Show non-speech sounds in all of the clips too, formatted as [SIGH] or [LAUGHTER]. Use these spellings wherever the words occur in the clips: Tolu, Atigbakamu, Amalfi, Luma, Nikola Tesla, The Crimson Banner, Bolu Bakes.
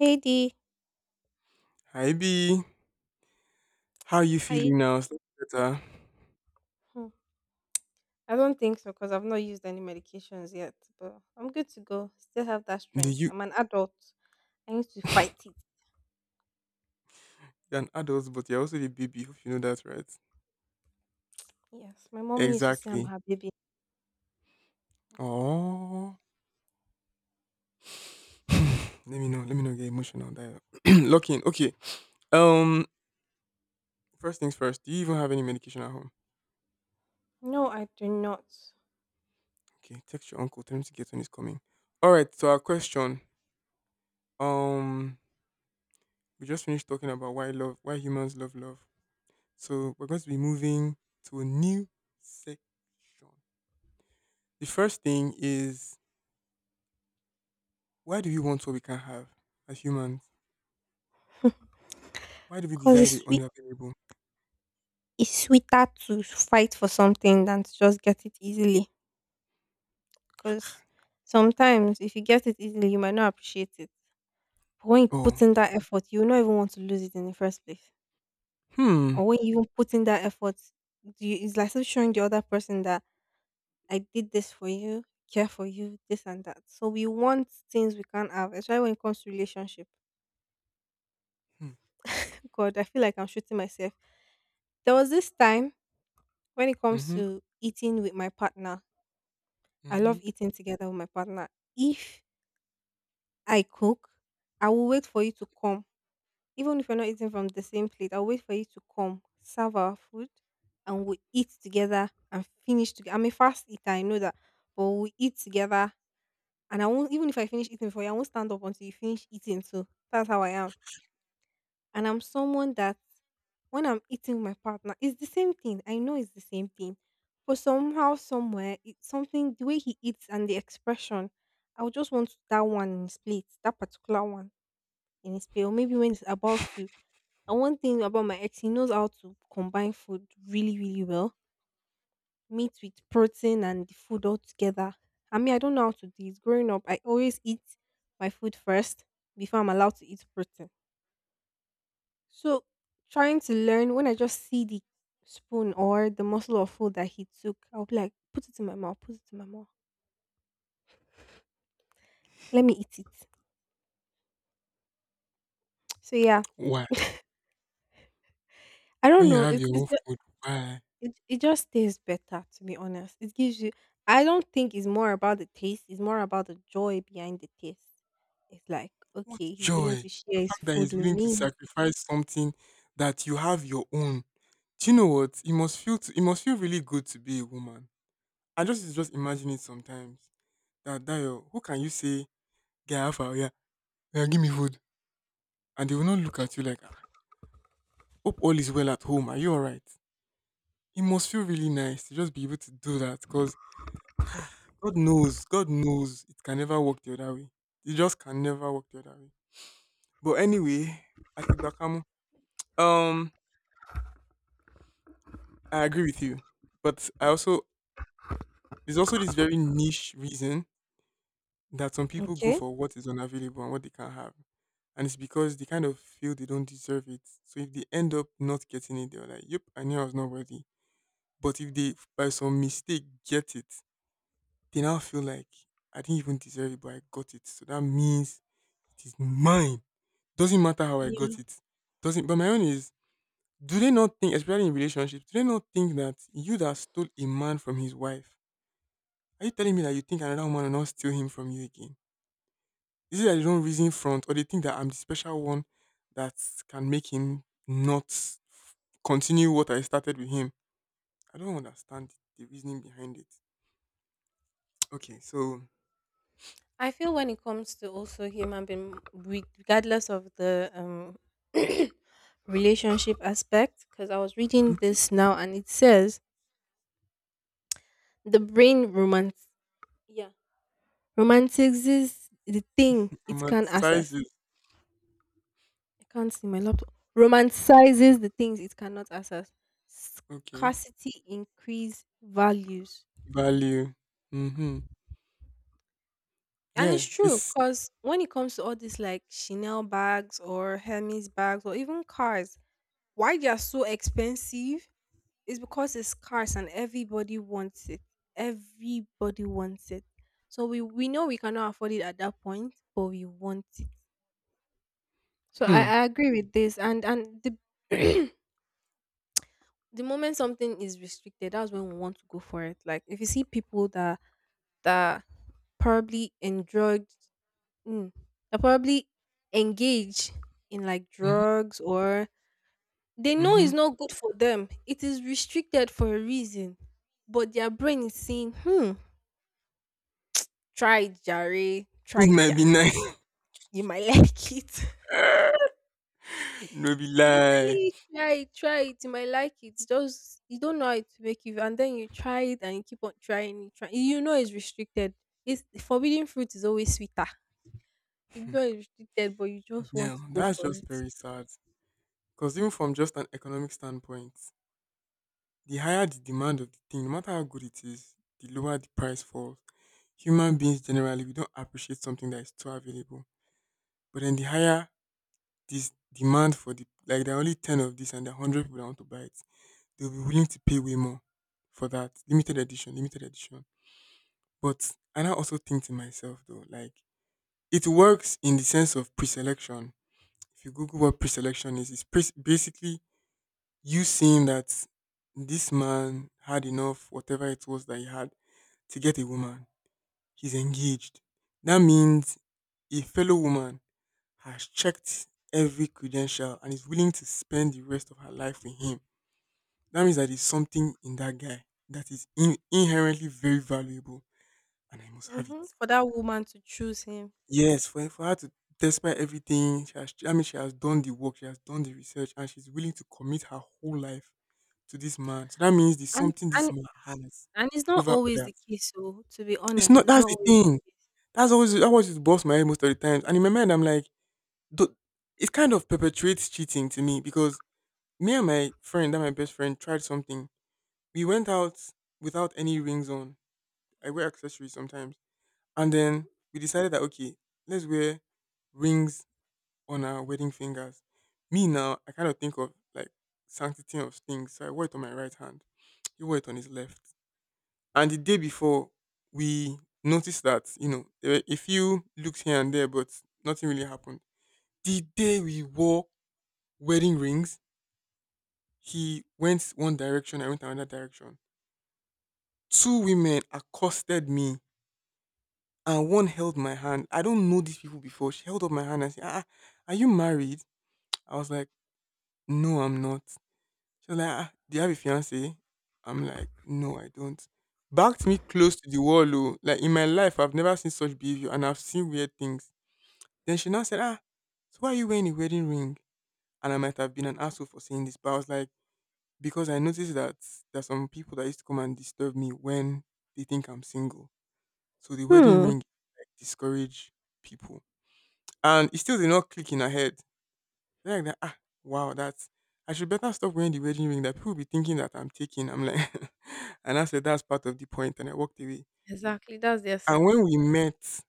Hey D, Hi B, how you hi. feeling now? Is that better. Hmm, I don't think so because I've not used any medications yet, but I'm good to go. Still have that Do strength. you I'm an adult. I need to fight it. you're an adult, but you're also a baby. Hope you know that, right? Yes, my mom used to say I'm Exactly. her baby. Oh, [LAUGHS] [SIGHS] let me know. Let me not get emotional. That. [CLEARS THROAT] Lock in. Okay. Um. First things first. Do you even have any medication at home? No, I do not. Okay. Text your uncle. Tell him to get when he's coming. All right. So our question. Um. We just finished talking about why love, why humans love love. So we're going to be moving to a new section. The first thing is, why do we want what we can't have as humans? Why do we Cause desire it's the sweet, unavailable? it's sweeter to fight for something than to just get it easily. Cause sometimes if you get it easily, you might not appreciate it. But when you put Oh, in that effort, you will not even want to lose it in the first place. hmm. Or when you even put in that effort, you, it's like still showing the other person that I did this for you, care for you, this and that. So we want things we can't have, especially when it comes to relationship. Hmm. God, I feel like I'm shooting myself. There was this time when it comes Mm-hmm. to eating with my partner. I love Mm-hmm. eating together with my partner. If I cook, I will wait for you to come. Even if you're not eating from the same plate, I'll wait for you to come, serve our food, and we eat together and finish together. I'm a fast eater, I know that. But we eat together and I won't even if I finish eating for you, I won't stand up until you finish eating too. That's how I am. And I'm someone that when I'm eating with my partner, it's the same thing. I know it's the same thing. But somehow, somewhere, it's something the way he eats and the expression, I would just want that one in his plate, that particular one in his plate. Or maybe when it's about to and one thing about my ex, he knows how to combine food really, really well meat with protein and the food all together. I mean, I don't know how to do it. Growing up, I always eat my food first before I'm allowed to eat protein. So, trying to learn when I just see the spoon or the morsel of food that he took, I'll be like, put it in my mouth, put it in my mouth, let me eat it. So, yeah, Why? I When don't you know. have It's, your own it's ju- food, why? it, it just tastes better, to be honest. I don't think it's more about the taste, it's more about the joy behind the taste. It's like, What okay, he's willing joy! to The share his fact that food he's with willing to me. sacrifice something that you have your own. Do you know what? It must feel to, it must feel really good to be a woman. I just imagine it sometimes. That that your- who can you say, get alpha, yeah, yeah, give me food, and they will not look at you like, ah, hope all is well at home. Are you all right? It must feel really nice to just be able to do that because God knows it can never work the other way. It just can never work the other way. But anyway, Atigbakamu, um, I agree with you. But I also, there's also this very niche reason that some people go Okay. for what is unavailable and what they can't have. And it's because they kind of feel they don't deserve it. So if they end up not getting it, they're like, yep, I knew I was not worthy. But if they, by some mistake, get it, they now feel like I didn't even deserve it, but I got it. So that means it is mine. Doesn't matter how I got Yeah. it. Doesn't, but my own is, do they not think, especially in relationships, do they not think that you that stole a man from his wife, are you telling me that you think another woman will not steal him from you again? Is it that they don't reason front or they think that I'm the special one that can make him not f- continue what I started with him? I don't understand the reasoning behind it. Okay, so I feel when it comes to also human being, we- regardless of the [CLEARS THROAT] relationship aspect, because I was reading this now and it says the brain yeah, romanticizes the thing it can access. romanticizes I can't see my laptop. Romanticizes the things it cannot access. okay. Scarcity increase values. Value. Mhm. And Yeah, it's true it's because when it comes to all this like Chanel bags or Hermes bags or even cars, why they are so expensive is because it's scarce and everybody wants it. Everybody wants it. So we know we cannot afford it at that point, but we want it. So I, hmm. I agree with this. And the [CLEARS THROAT] the moment something is restricted, that's when we want to go for it. Like if you see people that probably mm, that probably engage in like Mhm. drugs or they know Mhm. it's not good for them. It is restricted for a reason. But their brain is saying, hmm, try it, Jare. Try It it, might be Jare. nice. You might [LAUGHS] like it. [LAUGHS] No be They be telling lie. you, try it, try it. You might like it. Just, you don't know how to make it. And then you try it and you keep on trying it. Try. You know it's restricted. It's, forbidden fruit is always sweeter. You know it's restricted, but you just Yeah, want to go that's for just it. very sad. Because even from just an economic standpoint, the higher the demand of the thing, no matter how good it is, the lower the price falls. Human beings generally we don't appreciate something that is too available. But then the higher this demand for the, like, there are only 10 of this and there are 100 people that want to buy it, they'll be willing to pay way more for that limited edition, limited edition. But I now also think to myself though, like it works in the sense of preselection. If you Google what preselection is, basically you seeing that this man had enough, whatever it was that he had, to get a woman. He's engaged. That means a fellow woman has checked every credential and is willing to spend the rest of her life with him. That means that there's something in that guy that is inherently very valuable, and I must have Hmm. it. For that woman to choose him. Yes, for her to, despite everything, she has, I mean she has done the work, she has done the research and she's willing to commit her whole life to this man. So that means there's And, something this and man has And it's not over always others. the case, so to be It's honest, not, it's that's not the always. thing. That's always, that always just boss my head most of the times. And in my mind I'm like, do- it kind of perpetuates cheating to me because me and my friend, that my best friend, tried something. We went out without any rings on. I wear accessories sometimes. And then we decided that okay, let's wear rings on our wedding fingers. Me now, I kind of think of like sanctity of things. So I wore it on my right hand. [TSK] He wore it on his left. And the day before, we noticed that, you know, there were a few looks here and there, but nothing really happened. The day we wore wedding rings, he went one direction, I went another direction. Two women accosted me and one held my hand. I don't know these people before. She held up my hand and said, ah, ah, are you married? I was like, no, I'm not. She was like, "Ah, do you have a fiance?" I'm like, "No, I don't." Backed me close to the wall, oh. Like in my life, I've never seen such behavior, and I've seen weird things. Then she now said, "Ah, so why are you wearing a wedding ring?" And I might have been an asshole for saying this, but I was like, because I noticed that there's some people that used to come and disturb me when they think I'm single. So the wedding Mhm. Hmm. ring like discourage people, and it still did not click in her head. Then I'm like that, ah, wow, that's, I should better stop wearing the wedding ring that people will be thinking that I'm taking. I'm like, [LAUGHS] and I said that's part of the point, and I walked away. Exactly, that's the And when essence. we met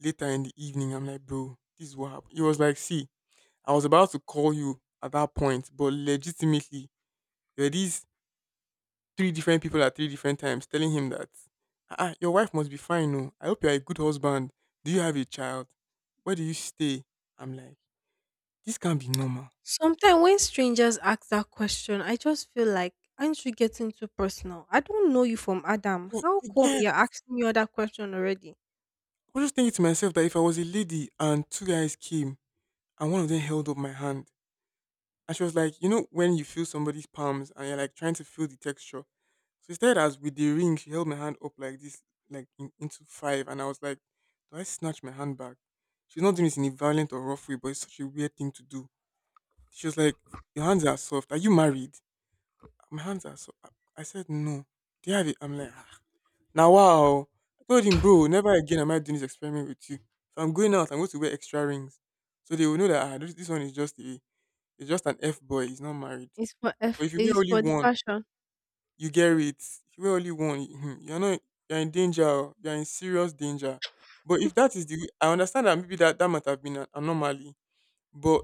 later in the evening, I'm like, bro, this is what happened. It was like, see, I was about to call you at that point, but legitimately, there were these three different people at three different times telling him that, ah, ah, your wife must be fine, no? I hope you're a good husband. Do you have a child? Where do you stay? I'm like, this can't be normal. Sometimes when strangers ask that question, I just feel like, aren't you getting too personal? I don't know you from Adam. You How you come get, you're asking me all that question already? I was just thinking to myself that if I was a lady and two guys came and one of them held up my hand and she was like, you know, when you feel somebody's palms and you're like trying to feel the texture. So instead, as with the ring, she held my hand up like this, like in, into five, and I was like, do I snatch my hand back? She's not doing it in a violent or rough way, but it's such a weird thing to do. She was like, your hands are soft. Are you married? My hands are soft. I said no. Do you have it? I'm like. "Ah." Now wow. I told him, bro, never again am I doing this experiment with you. If I'm going out, I'm going to wear extra rings. So they will know that ah, this one is just a, it's just an F boy, he's not married. It's for But F. if you wear It's only for the one, fashion. you get it. If you wear only one, you- hmm, you're not you're in danger, oh, you're in serious danger. But if that is the way- I understand that maybe that, that might have been an anomaly, but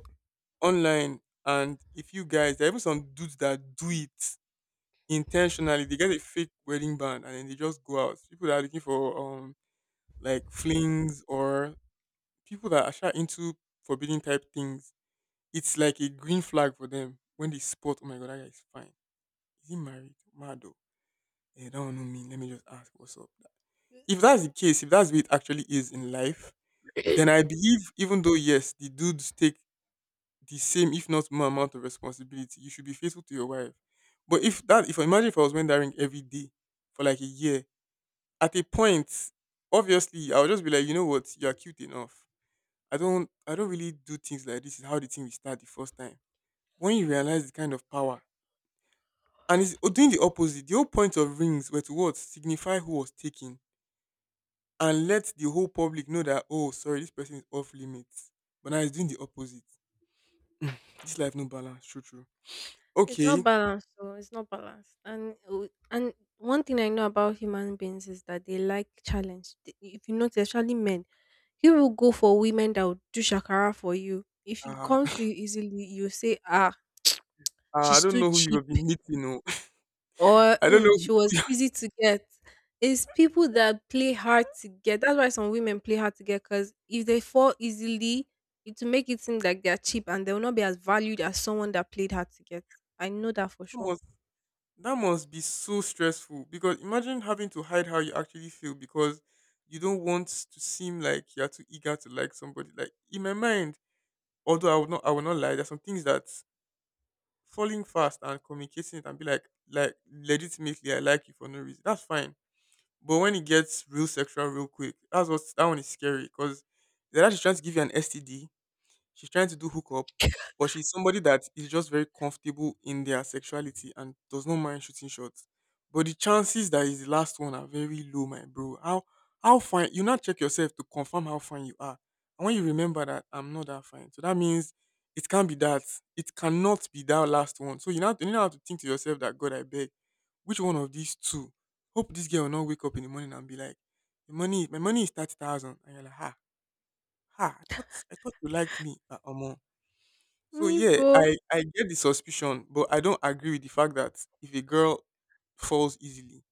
online and if you guys there are even some dudes that do it intentionally, they get a fake wedding band and then they just go out. People that are looking for like flings or people that are shy into forbidden type things, it's like a green flag for them when they spot, oh my god, that guy is fine. Is he married? Mado. Yeah, that one no mean. Let me just ask what's up. If that's the case, if that's what it actually is in life, then I believe even though yes, the dudes take the same, if not more amount of responsibility, you should be faithful to your wife. But if that if I imagine if I was wearing that ring every day for like a year, at a point, obviously I would just be like, you know what, you're cute enough, I don't really do things like this is how the thing will start the first time. When you realize the kind of power and doing the opposite, the whole point of rings were to what signify who was taken and let the whole public know that oh sorry, this person is off limits. But now it's doing the opposite. This life no balance, true true. It's not Okay. balanced, though. It's not balanced. And one thing I know about human beings is that they like challenge. If you notice, especially men, you will go for women that will do shakara for you. If it Uh, comes to [LAUGHS] you easily, you say, ah, I she's don't too know who cheap you've been meeting, no. [LAUGHS] or I don't know mm, who she was you easy to get. It's people that play hard [LAUGHS] to get. That's why some women play hard to get because if they fall easily, it will make it seem like they're cheap and they will not be as valued as someone that played hard to get. I know that for come sure. on. That must be so stressful because imagine having to hide how you actually feel because you don't want to seem like you're too eager to like somebody. Like in my mind, although I would not lie, there's some things that falling fast and communicating it and be like legitimately I like you for no reason. That's fine. But when it gets real sexual real quick, that one is scary because they're actually trying to give you an STD. She's trying to do hookup, but she's somebody that is just very comfortable in their sexuality and does not mind shooting shots. But the chances that is the last one are very low, my bro. How fine you not check yourself to confirm how fine you are. And when you remember that I'm not that fine. So that means it can't be that. It cannot be that last one. So you now have to think to yourself that God I beg, which one of these two? Hope this girl will not wake up in the morning and be like, my money is 30,000. And you're like, ha, ha, I thought you liked me. Omo. So yeah, Nibo, I get the suspicion, but I don't agree with the fact that if a girl falls easily,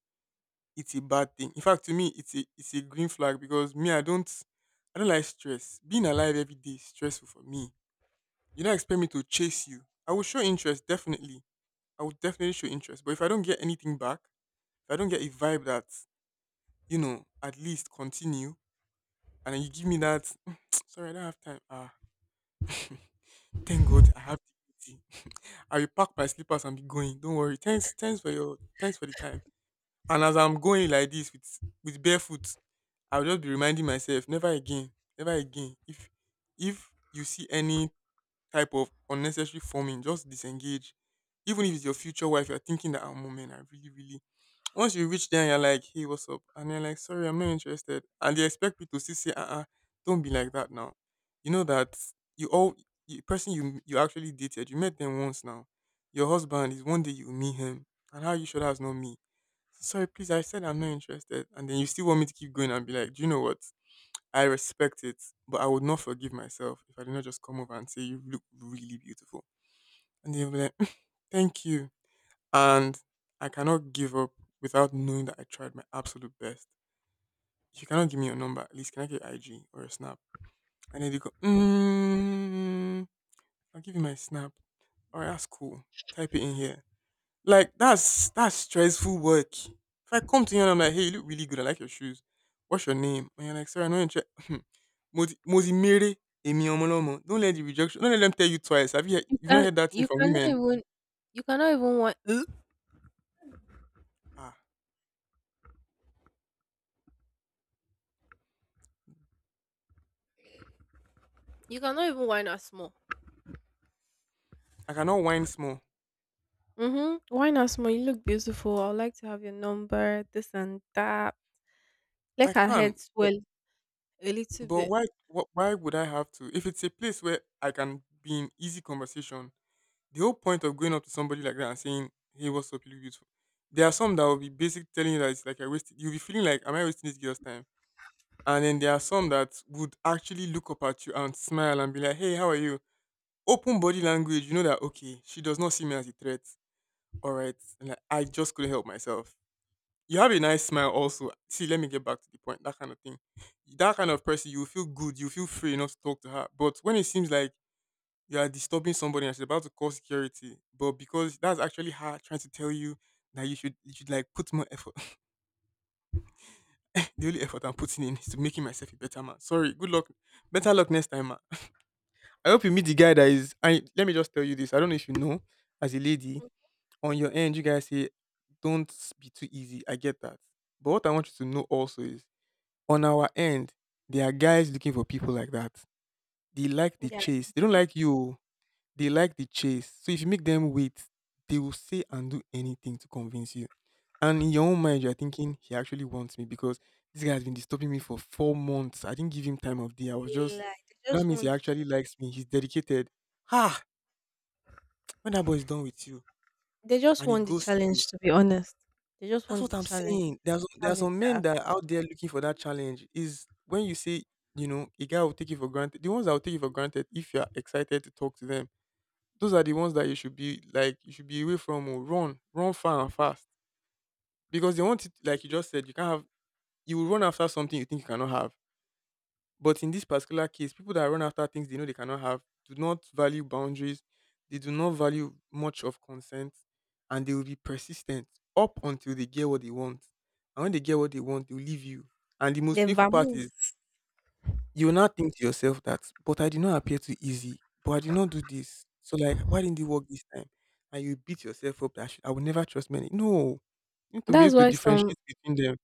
it's a bad thing. In fact, to me, it's a green flag because me I don't like stress. Being alive every day is stressful for me. You don't expect me to chase you. I will show interest definitely. I will definitely show interest, but if I don't get anything back, if I don't get a vibe that at least continue, and then you give me that [TSK] sorry, I don't have time. Ah, [LAUGHS] thank God I have dignity. I will pack my slippers and be going. Don't worry. Thanks for the time. And as I'm going like this with barefoot, I'll just be reminding myself, never again, never again. If you see any type of unnecessary forming, just disengage. Even if it's your future wife, you're thinking that oh, moment, I really, really once you reach there and you're like, hey, what's up? And they're like, sorry, I'm not interested. And they expect you to say, uh-uh, don't be like that now. You know that you all, the person you actually dated, you met them once now. Your husband is one day you meet him. And how you should have known me? Sorry, please, I said I'm not interested. And then you still want me to keep going and be like, do you know what? I respect it, but I would not forgive myself if I did not just come over and say, you look really beautiful. And they'll be like, [LAUGHS] thank you. And I cannot give up without knowing that I tried my absolute best. If you cannot give me your number, at least can I get your IG or a snap? And then they go, mm, I'll give you my snap. All right, that's cool. Type it in here. Like that's stressful work. If I come to you and I'm like, hey, you look really good. I like your shoes. What's your name? And you're like, sorry, I know you're Mozimere Emi Omolomo. [LAUGHS] Don't let the rejection. Don't let them tell you twice. Have you heard, you you've not can heard that thing you from cannot women? even you cannot even want [CLEARS THROAT] Ah, you cannot even wine us more. I cannot whine small. Mm-hmm. Why not, small? You look beautiful. I would like to have your number, this and that. Let I her can. head swell a little But bit. why would I have to? If it's a place where I can be in easy conversation, the whole point of going up to somebody like that and saying, "Hey, what's up? You look beautiful." There are some that will be basically telling you that it's like I wasted. You'll be feeling like, "Am I wasting this girl's time?" And then there are some that would actually look up at you and smile and be like, "Hey, how are you?" Open body language, you know that okay, she does not see me as a threat. All right, and like, I just couldn't help myself, you have a nice smile also. See, let me get back to the point. That kind of thing. That kind of person, you will feel good, you will feel free enough to talk to her. But when it seems like you are disturbing somebody and she's about to call security, but because that's actually her trying to tell you that you should like put more effort. [LAUGHS] The only effort I'm putting in is to making myself a better man. Sorry, good luck. Better luck next time, man. I hope you meet the guy that is I let me just tell you this. I don't know if you know, as a lady, on your end, you guys say, don't be too easy. I get that. But what I want you to know also is, on our end, there are guys looking for people like that. They like the They are chase. They don't easy. like you. Oh. They like the chase. So if you make them wait, they will say and do anything to convince you. And in your own mind, you're thinking, he actually wants me because this guy has been disturbing me for 4 months. I didn't give him time of day. I was They just, like they so that just means he want the actually likes me. He's dedicated. Ha! When that boy is done with you and he goes. challenge to be honest. They just That's want what the I'm challenge. saying. There are some, there are Challenge, some men yeah. that are out there looking for that challenge. Is when you say, you know, a guy will take you for granted. The ones that will take you for granted, if you are excited to talk to them, those are the ones that you should be like, you should be away from. Or run, run far and fast because they want it. Like you just said, you can't have. You will run after something you think you cannot have. But in this particular case, people that run after things they know they cannot have do not value boundaries. They do not value much of consent, and they will be persistent up until they get what they want. And when they get what they want, they will leave you. And the most They painful part vamove. is you will not think to yourself that, but I did not appear too easy, but I did not do this. So like, why didn't it work this time? And you beat yourself up that I will never trust men. No, you need to be That's able to why some differentiate between them.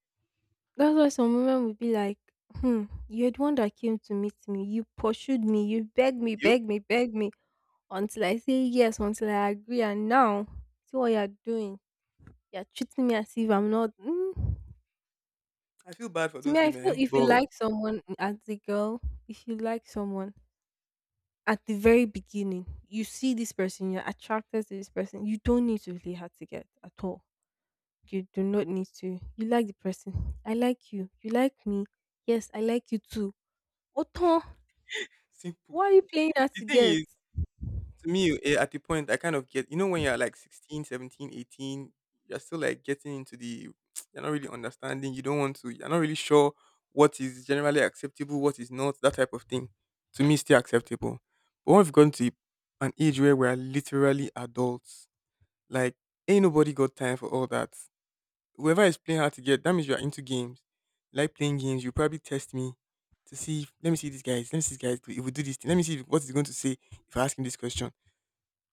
that's why some women would be like, you're the one that came to meet me. You pursued me, you begged me, Yep, begged me, begged me until I say yes, until I agree and now see what you're doing. You're treating me as if I'm not. Mm. I feel bad for To me, those I feel women, if you but like someone as a girl, if you like someone at the very beginning, you see this person, you're attracted to this person, you don't need to really hard to get at all. You do not need to. You like the person. I like you. You like me. Yes, I like you too. Oton, simple. why are you playing hard The to thing get? is, to me at the point I kind of get, you know, when you're like 16, 17, 18, you're still like getting into the [TSK] you're not really understanding, you don't want to, you're not really sure what is generally acceptable, what is not, that type of thing. To me, it's still acceptable. But when we've gone to an age where we're literally adults, like ain't nobody got time for all that. Whoever is playing hard to get, that means you're into games. You like playing games, you probably test me to see if, let me see these guys, let me see these guys, if we do this thing, let me see what he's going to say if I ask him this question,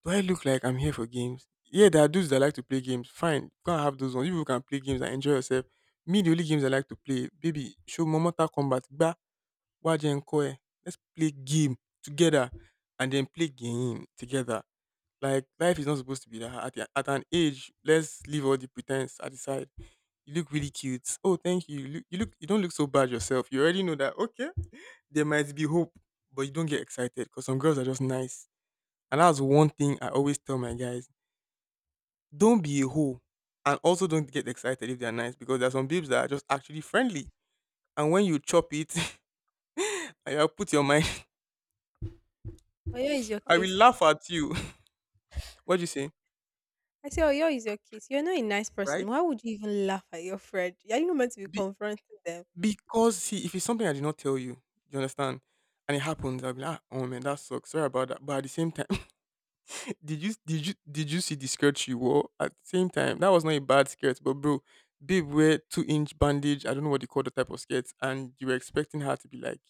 do I look like I'm here for games? Yeah, there are dudes that like to play games. Fine, go and have those ones. You people can play games and enjoy yourself. Me, the only games I like to play, baby, show me Mortal Kombat. Gba, Waje and Koe. Let's play game together and then play game together. Like, life is not supposed to be that hard. At an age, let's leave all the pretense at the side. You look really cute. Oh, thank you. You don't look so bad yourself. You already know that, okay, there might be hope, but you don't get excited because some girls are just nice, and that's one thing I always tell my guys. Don't be a hoe. And also, don't get excited if they're nice because there are some babes that are just actually friendly. And when you chop it, [LAUGHS] I'll put your mind, Oyo is your [LAUGHS] I will case. laugh at you. [LAUGHS] What do you say? I say, Oyo is your case. You're not a nice Right? person. Why would you even laugh at your friend? Are you not meant to be Be- confronting them? because, see, if it's something I did not tell you, you understand? And it happens, I'll be like, "Ah, oh man, that sucks. Sorry about that." But at the same time, [LAUGHS] did you see the skirt she wore? At the same time, that was not a bad skirt, but bro, babe wear 2 inch bandage. I don't know what they call the type of skirts, and you were expecting her to be like,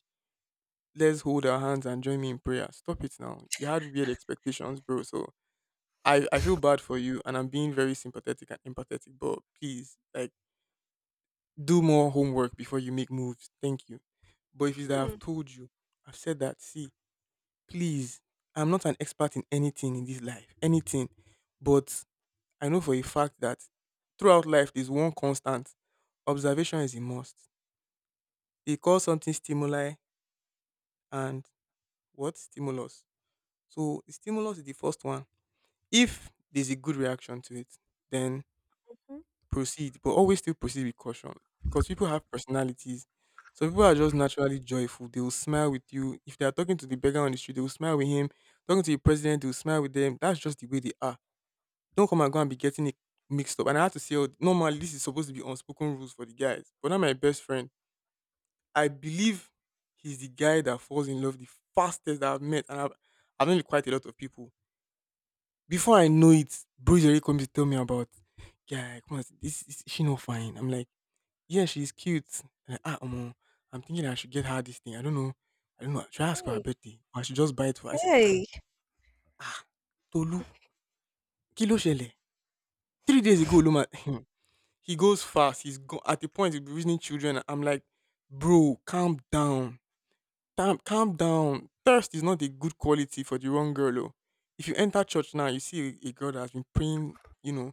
let's hold our hands and join me in prayer. Stop it now. You had weird expectations, bro. So I feel bad for you and I'm being very sympathetic and empathetic, but please, like, do more homework before you make moves. Thank you. But if it's that Hmm. I've told you, I've said that, see, please, I'm not an expert in anything in this life, anything. But I know for a fact that throughout life, there's one constant observation is a must. They call something stimuli and what? Stimulus. So the stimulus is the first one. If there's a good reaction to it, then proceed, but always still proceed with caution because people have personalities. Some people are just naturally joyful. They will smile with you. If they are talking to the beggar on the street, they will smile with him. Talking to the president, they will smile with them. That's just the way they are. Don't come and go and be getting it mixed up. And I had to say, oh, normally this is supposed to be unspoken rules for the guys, but not my best friend. I believe he's the guy that falls in love the fastest that I've met, and I've known quite a lot of people. Before I know it, bros already come to tell me about, "Guy, come on, this is she not fine?" I'm like, "Yeah, she's cute." I'm like, ah, omo, I'm thinking I should get her this thing. I don't know. I don't know. Should I ask for her Hey, birthday? Or I should just buy it for her? I say, ah, hey. ah, Tolu, kí ló ṣẹlẹ̀? 3 days ago, Luma, [LAUGHS] he goes fast. At the point he'll be reasoning children. I'm like, bro, calm down. Calm, calm down. Thirst is not a good quality for the wrong girl. Oh. If you enter church now, you see a girl that has been praying,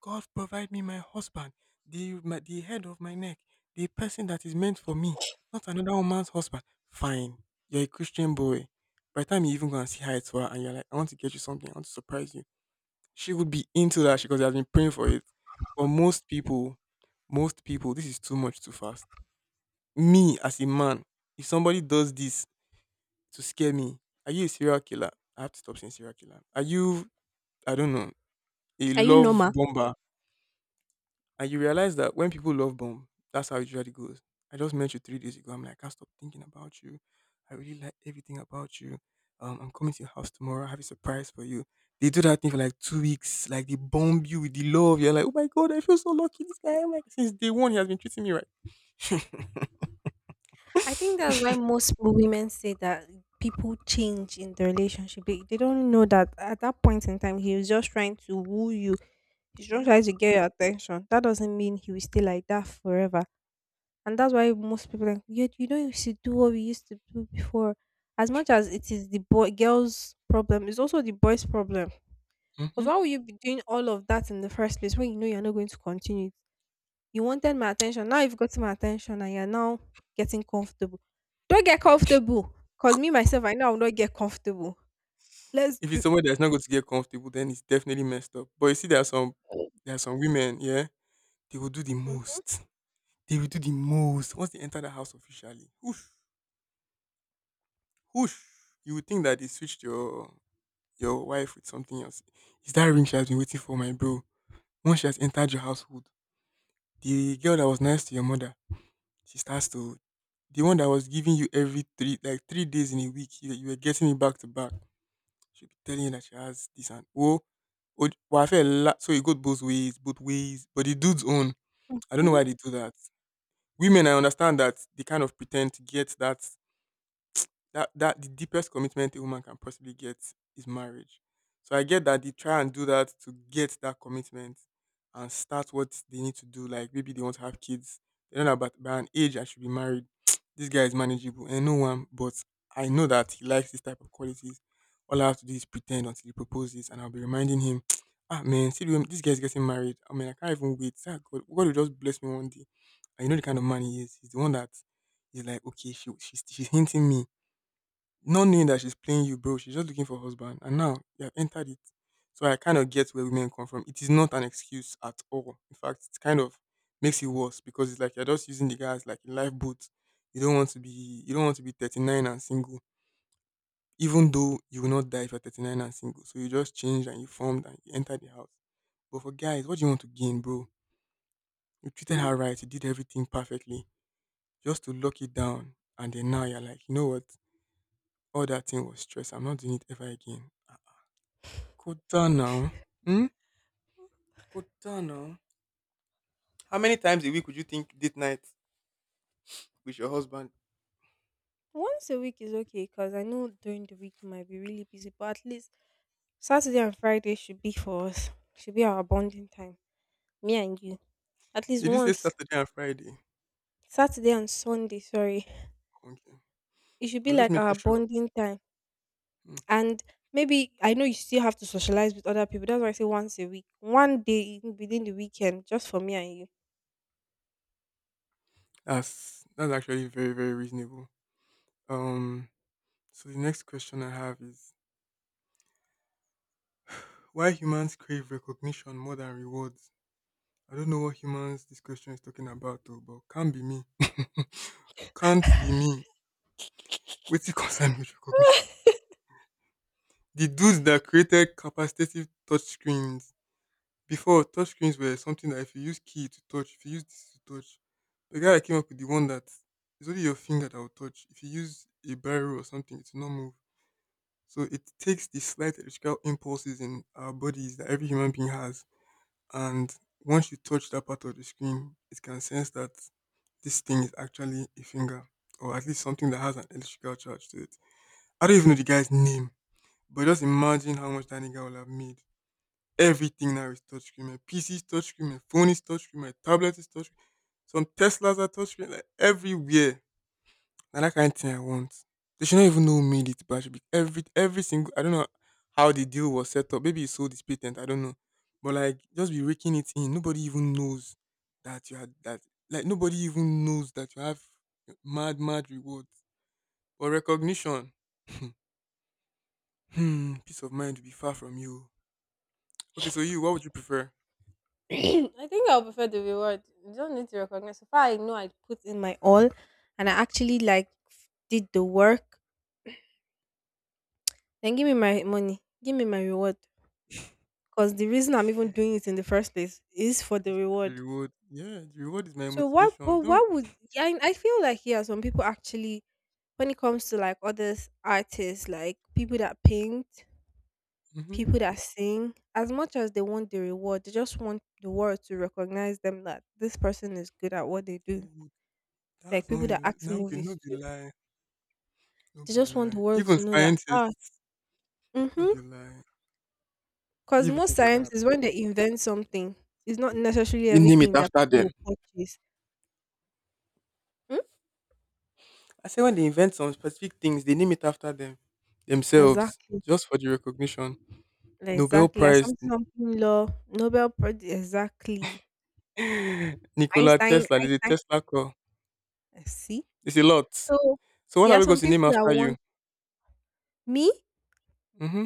God provide me my husband, the head of my neck, the person that is meant for me, not another woman's husband. Fine. You're a Christian boy. By the time you even go and see her, it's her and you're like, I want to get you something, I want to surprise you. She would be into that because she has been praying for it. But most people, this is too much too fast. Me as a man, if somebody does this, to scare me. Are you a serial killer? I have to stop saying serial killer. Are you, I don't know, a Are you love normal? bomber? And you realize that when people love bomb, that's how it usually goes. I just met you 3 days ago. I'm like, I can't stop thinking about you. I really like everything about you. I'm coming to your house tomorrow. I have a surprise for you. They do that thing for like 2 weeks. Like they bomb you with the love. You're like, oh my god, I feel so lucky. This guy, I'm like, since day one, he has been treating me right. [LAUGHS] I think that's why most women say that people change in the relationship. They don't know that at that point in time, he was just trying to woo you. He's just trying to Yes. get your attention. That doesn't mean he will stay like that forever. And that's why most people are like, yeah, you should do what we used to do before. As much as it is the boy girl's problem, it's also the boy's problem. Because Mhm. why would you be doing all of that in the first place when you know you're not going to continue? You wanted my attention. Now you've gotten my attention and you're now getting comfortable. Don't get comfortable. Cause me myself, I know I will not get comfortable. Let's If it's do. somewhere that's not going to get comfortable, then it's definitely messed up. But you see, there are some women, yeah, they will do the Mhm. most. They will do the most once they enter the house officially. Whoosh, whoosh. You would think that they switched your wife with something else. Is that ring she has been waiting for, my bro? Once she has entered your household, the girl that was nice to your mother, she starts to the one that was giving you every three like 3 days in a week, you were getting it back to back. She'll be telling you that she has this and oh, oh well, so it goes both ways, both ways. But the dude's own, I don't know Mhm. why they do that. Women, I understand that they kind of pretend to get that the deepest commitment a woman can possibly get is marriage. So I get that they try and do that to get that commitment and start what they need to do. Like maybe they want to have kids. They don't know about by an age I should be married. [TSK] This guy is manageable and no one, but I know that he likes this type of qualities. All I have to do is pretend until he proposes and I'll be reminding him, [TSK] ah man, this guy's getting married. I mean I can't even wait. Ah, God, God will just bless me one day. And you know the kind of man he is. He's the one that is like, okay, she's hinting me, not knowing that she's playing you, bro. She's just looking for a husband. And now you have entered it. So I kind of get where women come from. It is not an excuse at all. In fact, it kind of makes it worse because it's like you're just using the guys like a lifeboat. You don't want to be 39 and single, even though you will not die if you're 39 and single. So you just changed and you formed and you entered the house. But for guys, what do you want to gain, bro? You treated her right, you did everything perfectly, just to lock it down. And then now you're like, you know what? All that thing was stress. I'm not doing it ever again. Kota now. Hmm? Kota now. How many times a week would you think date night with your husband? Once a week is okay because I know during the week might be really busy, but at least Saturday and Friday should be for us. Should be our bonding time, me and you. At least Did you say once. Saturday and Friday? Saturday and Sunday, sorry. Okay. It should I be was just like our making sure. bonding time. Hmm. And maybe I know you still have to socialize with other people. That's why I say once a week. One day within the weekend, just for me and you. That's actually very, very reasonable. Um so the next question I have is, why humans crave recognition more than rewards? I don't know what humans this question is talking about though, but can't be me. Can't be me. What's it concerned with recognition? The dudes that created capacitive touchscreens. Before, touch screens were something that if you use key to touch, if you use this to touch, the guy that came up with the one that it's only your finger that will touch. If you use a barrel or something, it will not move. So it takes the slight electrical impulses in our bodies that every human being has, and once you touch that part of the screen, it can sense that this thing is actually a finger, or at least something that has an electrical charge to it. I don't even know the guy's name, but just imagine how much that nigga will have made. Everything now is touchscreen. My PC is touchscreen. My phone is touchscreen. My tablet is touchscreen. Some Teslas are touchscreen. Like everywhere. And that kind of thing I want. They should not even know who made it, but I should be every single. I don't know how the deal was set up. Maybe he sold his patent. I don't know. But like, just be raking it in. Nobody even knows that you had that. Like nobody even knows that you have mad mad rewards or recognition. [LAUGHS] Peace of mind will be far from you. Okay, so you, what would you prefer? [CLEARS THROAT] I think I'll prefer the reward. You don't need to recognize. So far, I know I put in my all and I actually like did the work. Then give me my money. Give me my reward. Because the reason I'm even doing it in the first place is for the It's for the reward. reward. Yeah, the reward is my So why motivation. but Don't. why would yeah, I feel like yeah, some people actually when it comes to like other artists, like people that paint, Mm-hmm. people that sing, as much as they want the reward, they just want the world to recognize them that this person is good at what they do. Oh, Like that's not people that a- act no be no movies be too. lie, no They be just want the lie. world Even to know that. Scientists, no be mhm lie. I didn't Because even most think of that scientists, when they approach. invent something, it's not necessarily They name it everything that after people them. will purchase. Hmm? I say when they invent some specific things, they name it after them themselves Exactly. just for the recognition. Nobel Exactly. Like Prize, something, something law, Nobel Prize. Exactly. [LAUGHS] Nikola Einstein, Tesla. There's a Einstein. Tesla call. Eh, see? It's a lot. So So what there are are we going some to people name that after you? want me. Mm-hmm.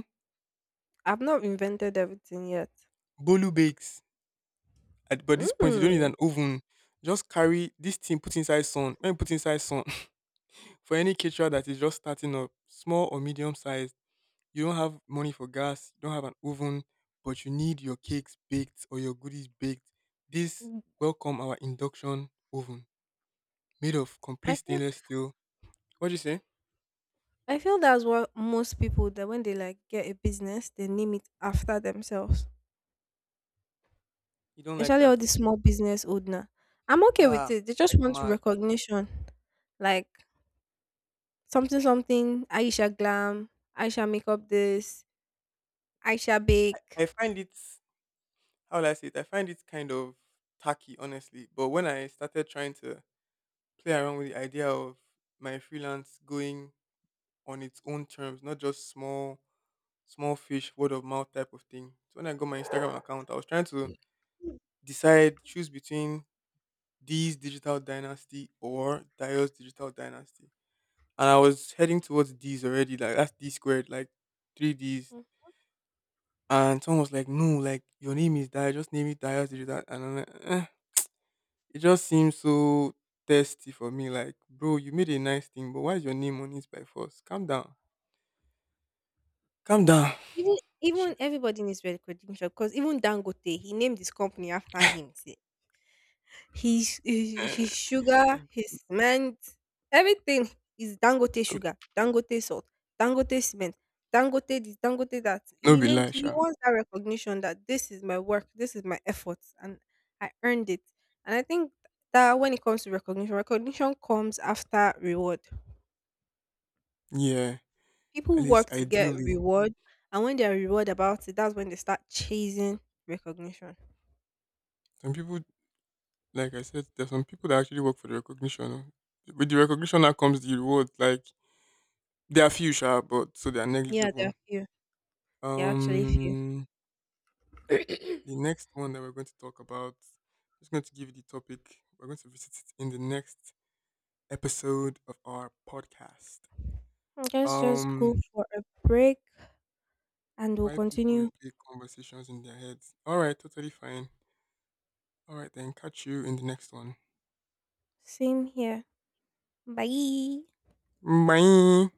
I've not invented everything yet. Bolu Bakes. At But this point, you don't need Mm. an oven. Just carry this thing, put inside sun. When you put inside sun, [LAUGHS] for any caterer that is just starting up, small or medium sized, you don't have money for gas, you don't have an oven, but you need your cakes baked or your goodies baked. This, welcome our induction oven made of complete I feel stainless steel. What do you say? I feel that's what most people that when they like get a business, they name it after themselves. You don't like Especially that? all the small business owner. I'm okay with Ah, it. They just like want mad. recognition. Like something something Aisha Glam, Aisha Makeup this, Aisha Bake. I find it, how will I say it? I find it kind of tacky, honestly. But when I started trying to play around with the idea of my freelance going on its own terms, not just small small fish word of mouth type of thing. So when I got my Instagram account, I was trying to Mm. decide choose between these digital dynasty or Dio's digital dynasty. And I was heading towards D's already, like that's D squared, like three D's. Mm. And someone was like, no, like your name is Dio, just name it Dio's digital, and I'm like, eh. It just seems so thirsty for me. Like, bro, you made a nice thing, but why is your name on it by force? Calm down. Calm down. Even Sha. even everybody needs recognition because even Dangote, he named his company after him. His Eh, sugar, his cement, everything is Dangote [LAUGHS] no sugar, Dangote salt, Dangote cement, Dangote this, Dangote that. no He be lie, names he sha. wants that recognition that this is my work, this is my efforts, and I earned it. And I think that when it comes to recognition, recognition comes after reward. Yeah, People at least work to get ideally, reward, and when they're reward about it, that's when they start chasing recognition. some people, like I said, there's some people that actually work for the recognition. Oh. With the recognition that comes the reward. Like there are few, sha, but so they are Yeah, there negligible. are few. There are actually few. Um, [COUGHS] the [CLEARS THROAT] next one that we're going to talk about, I'm just going to give you the topic. We're going to visit it in the next episode of our podcast. Let's just go Um, for a break and we'll why people continue. replay conversations in their heads. All right, totally fine. All right, then. Catch you in the next one. Same here. Bye. Bye.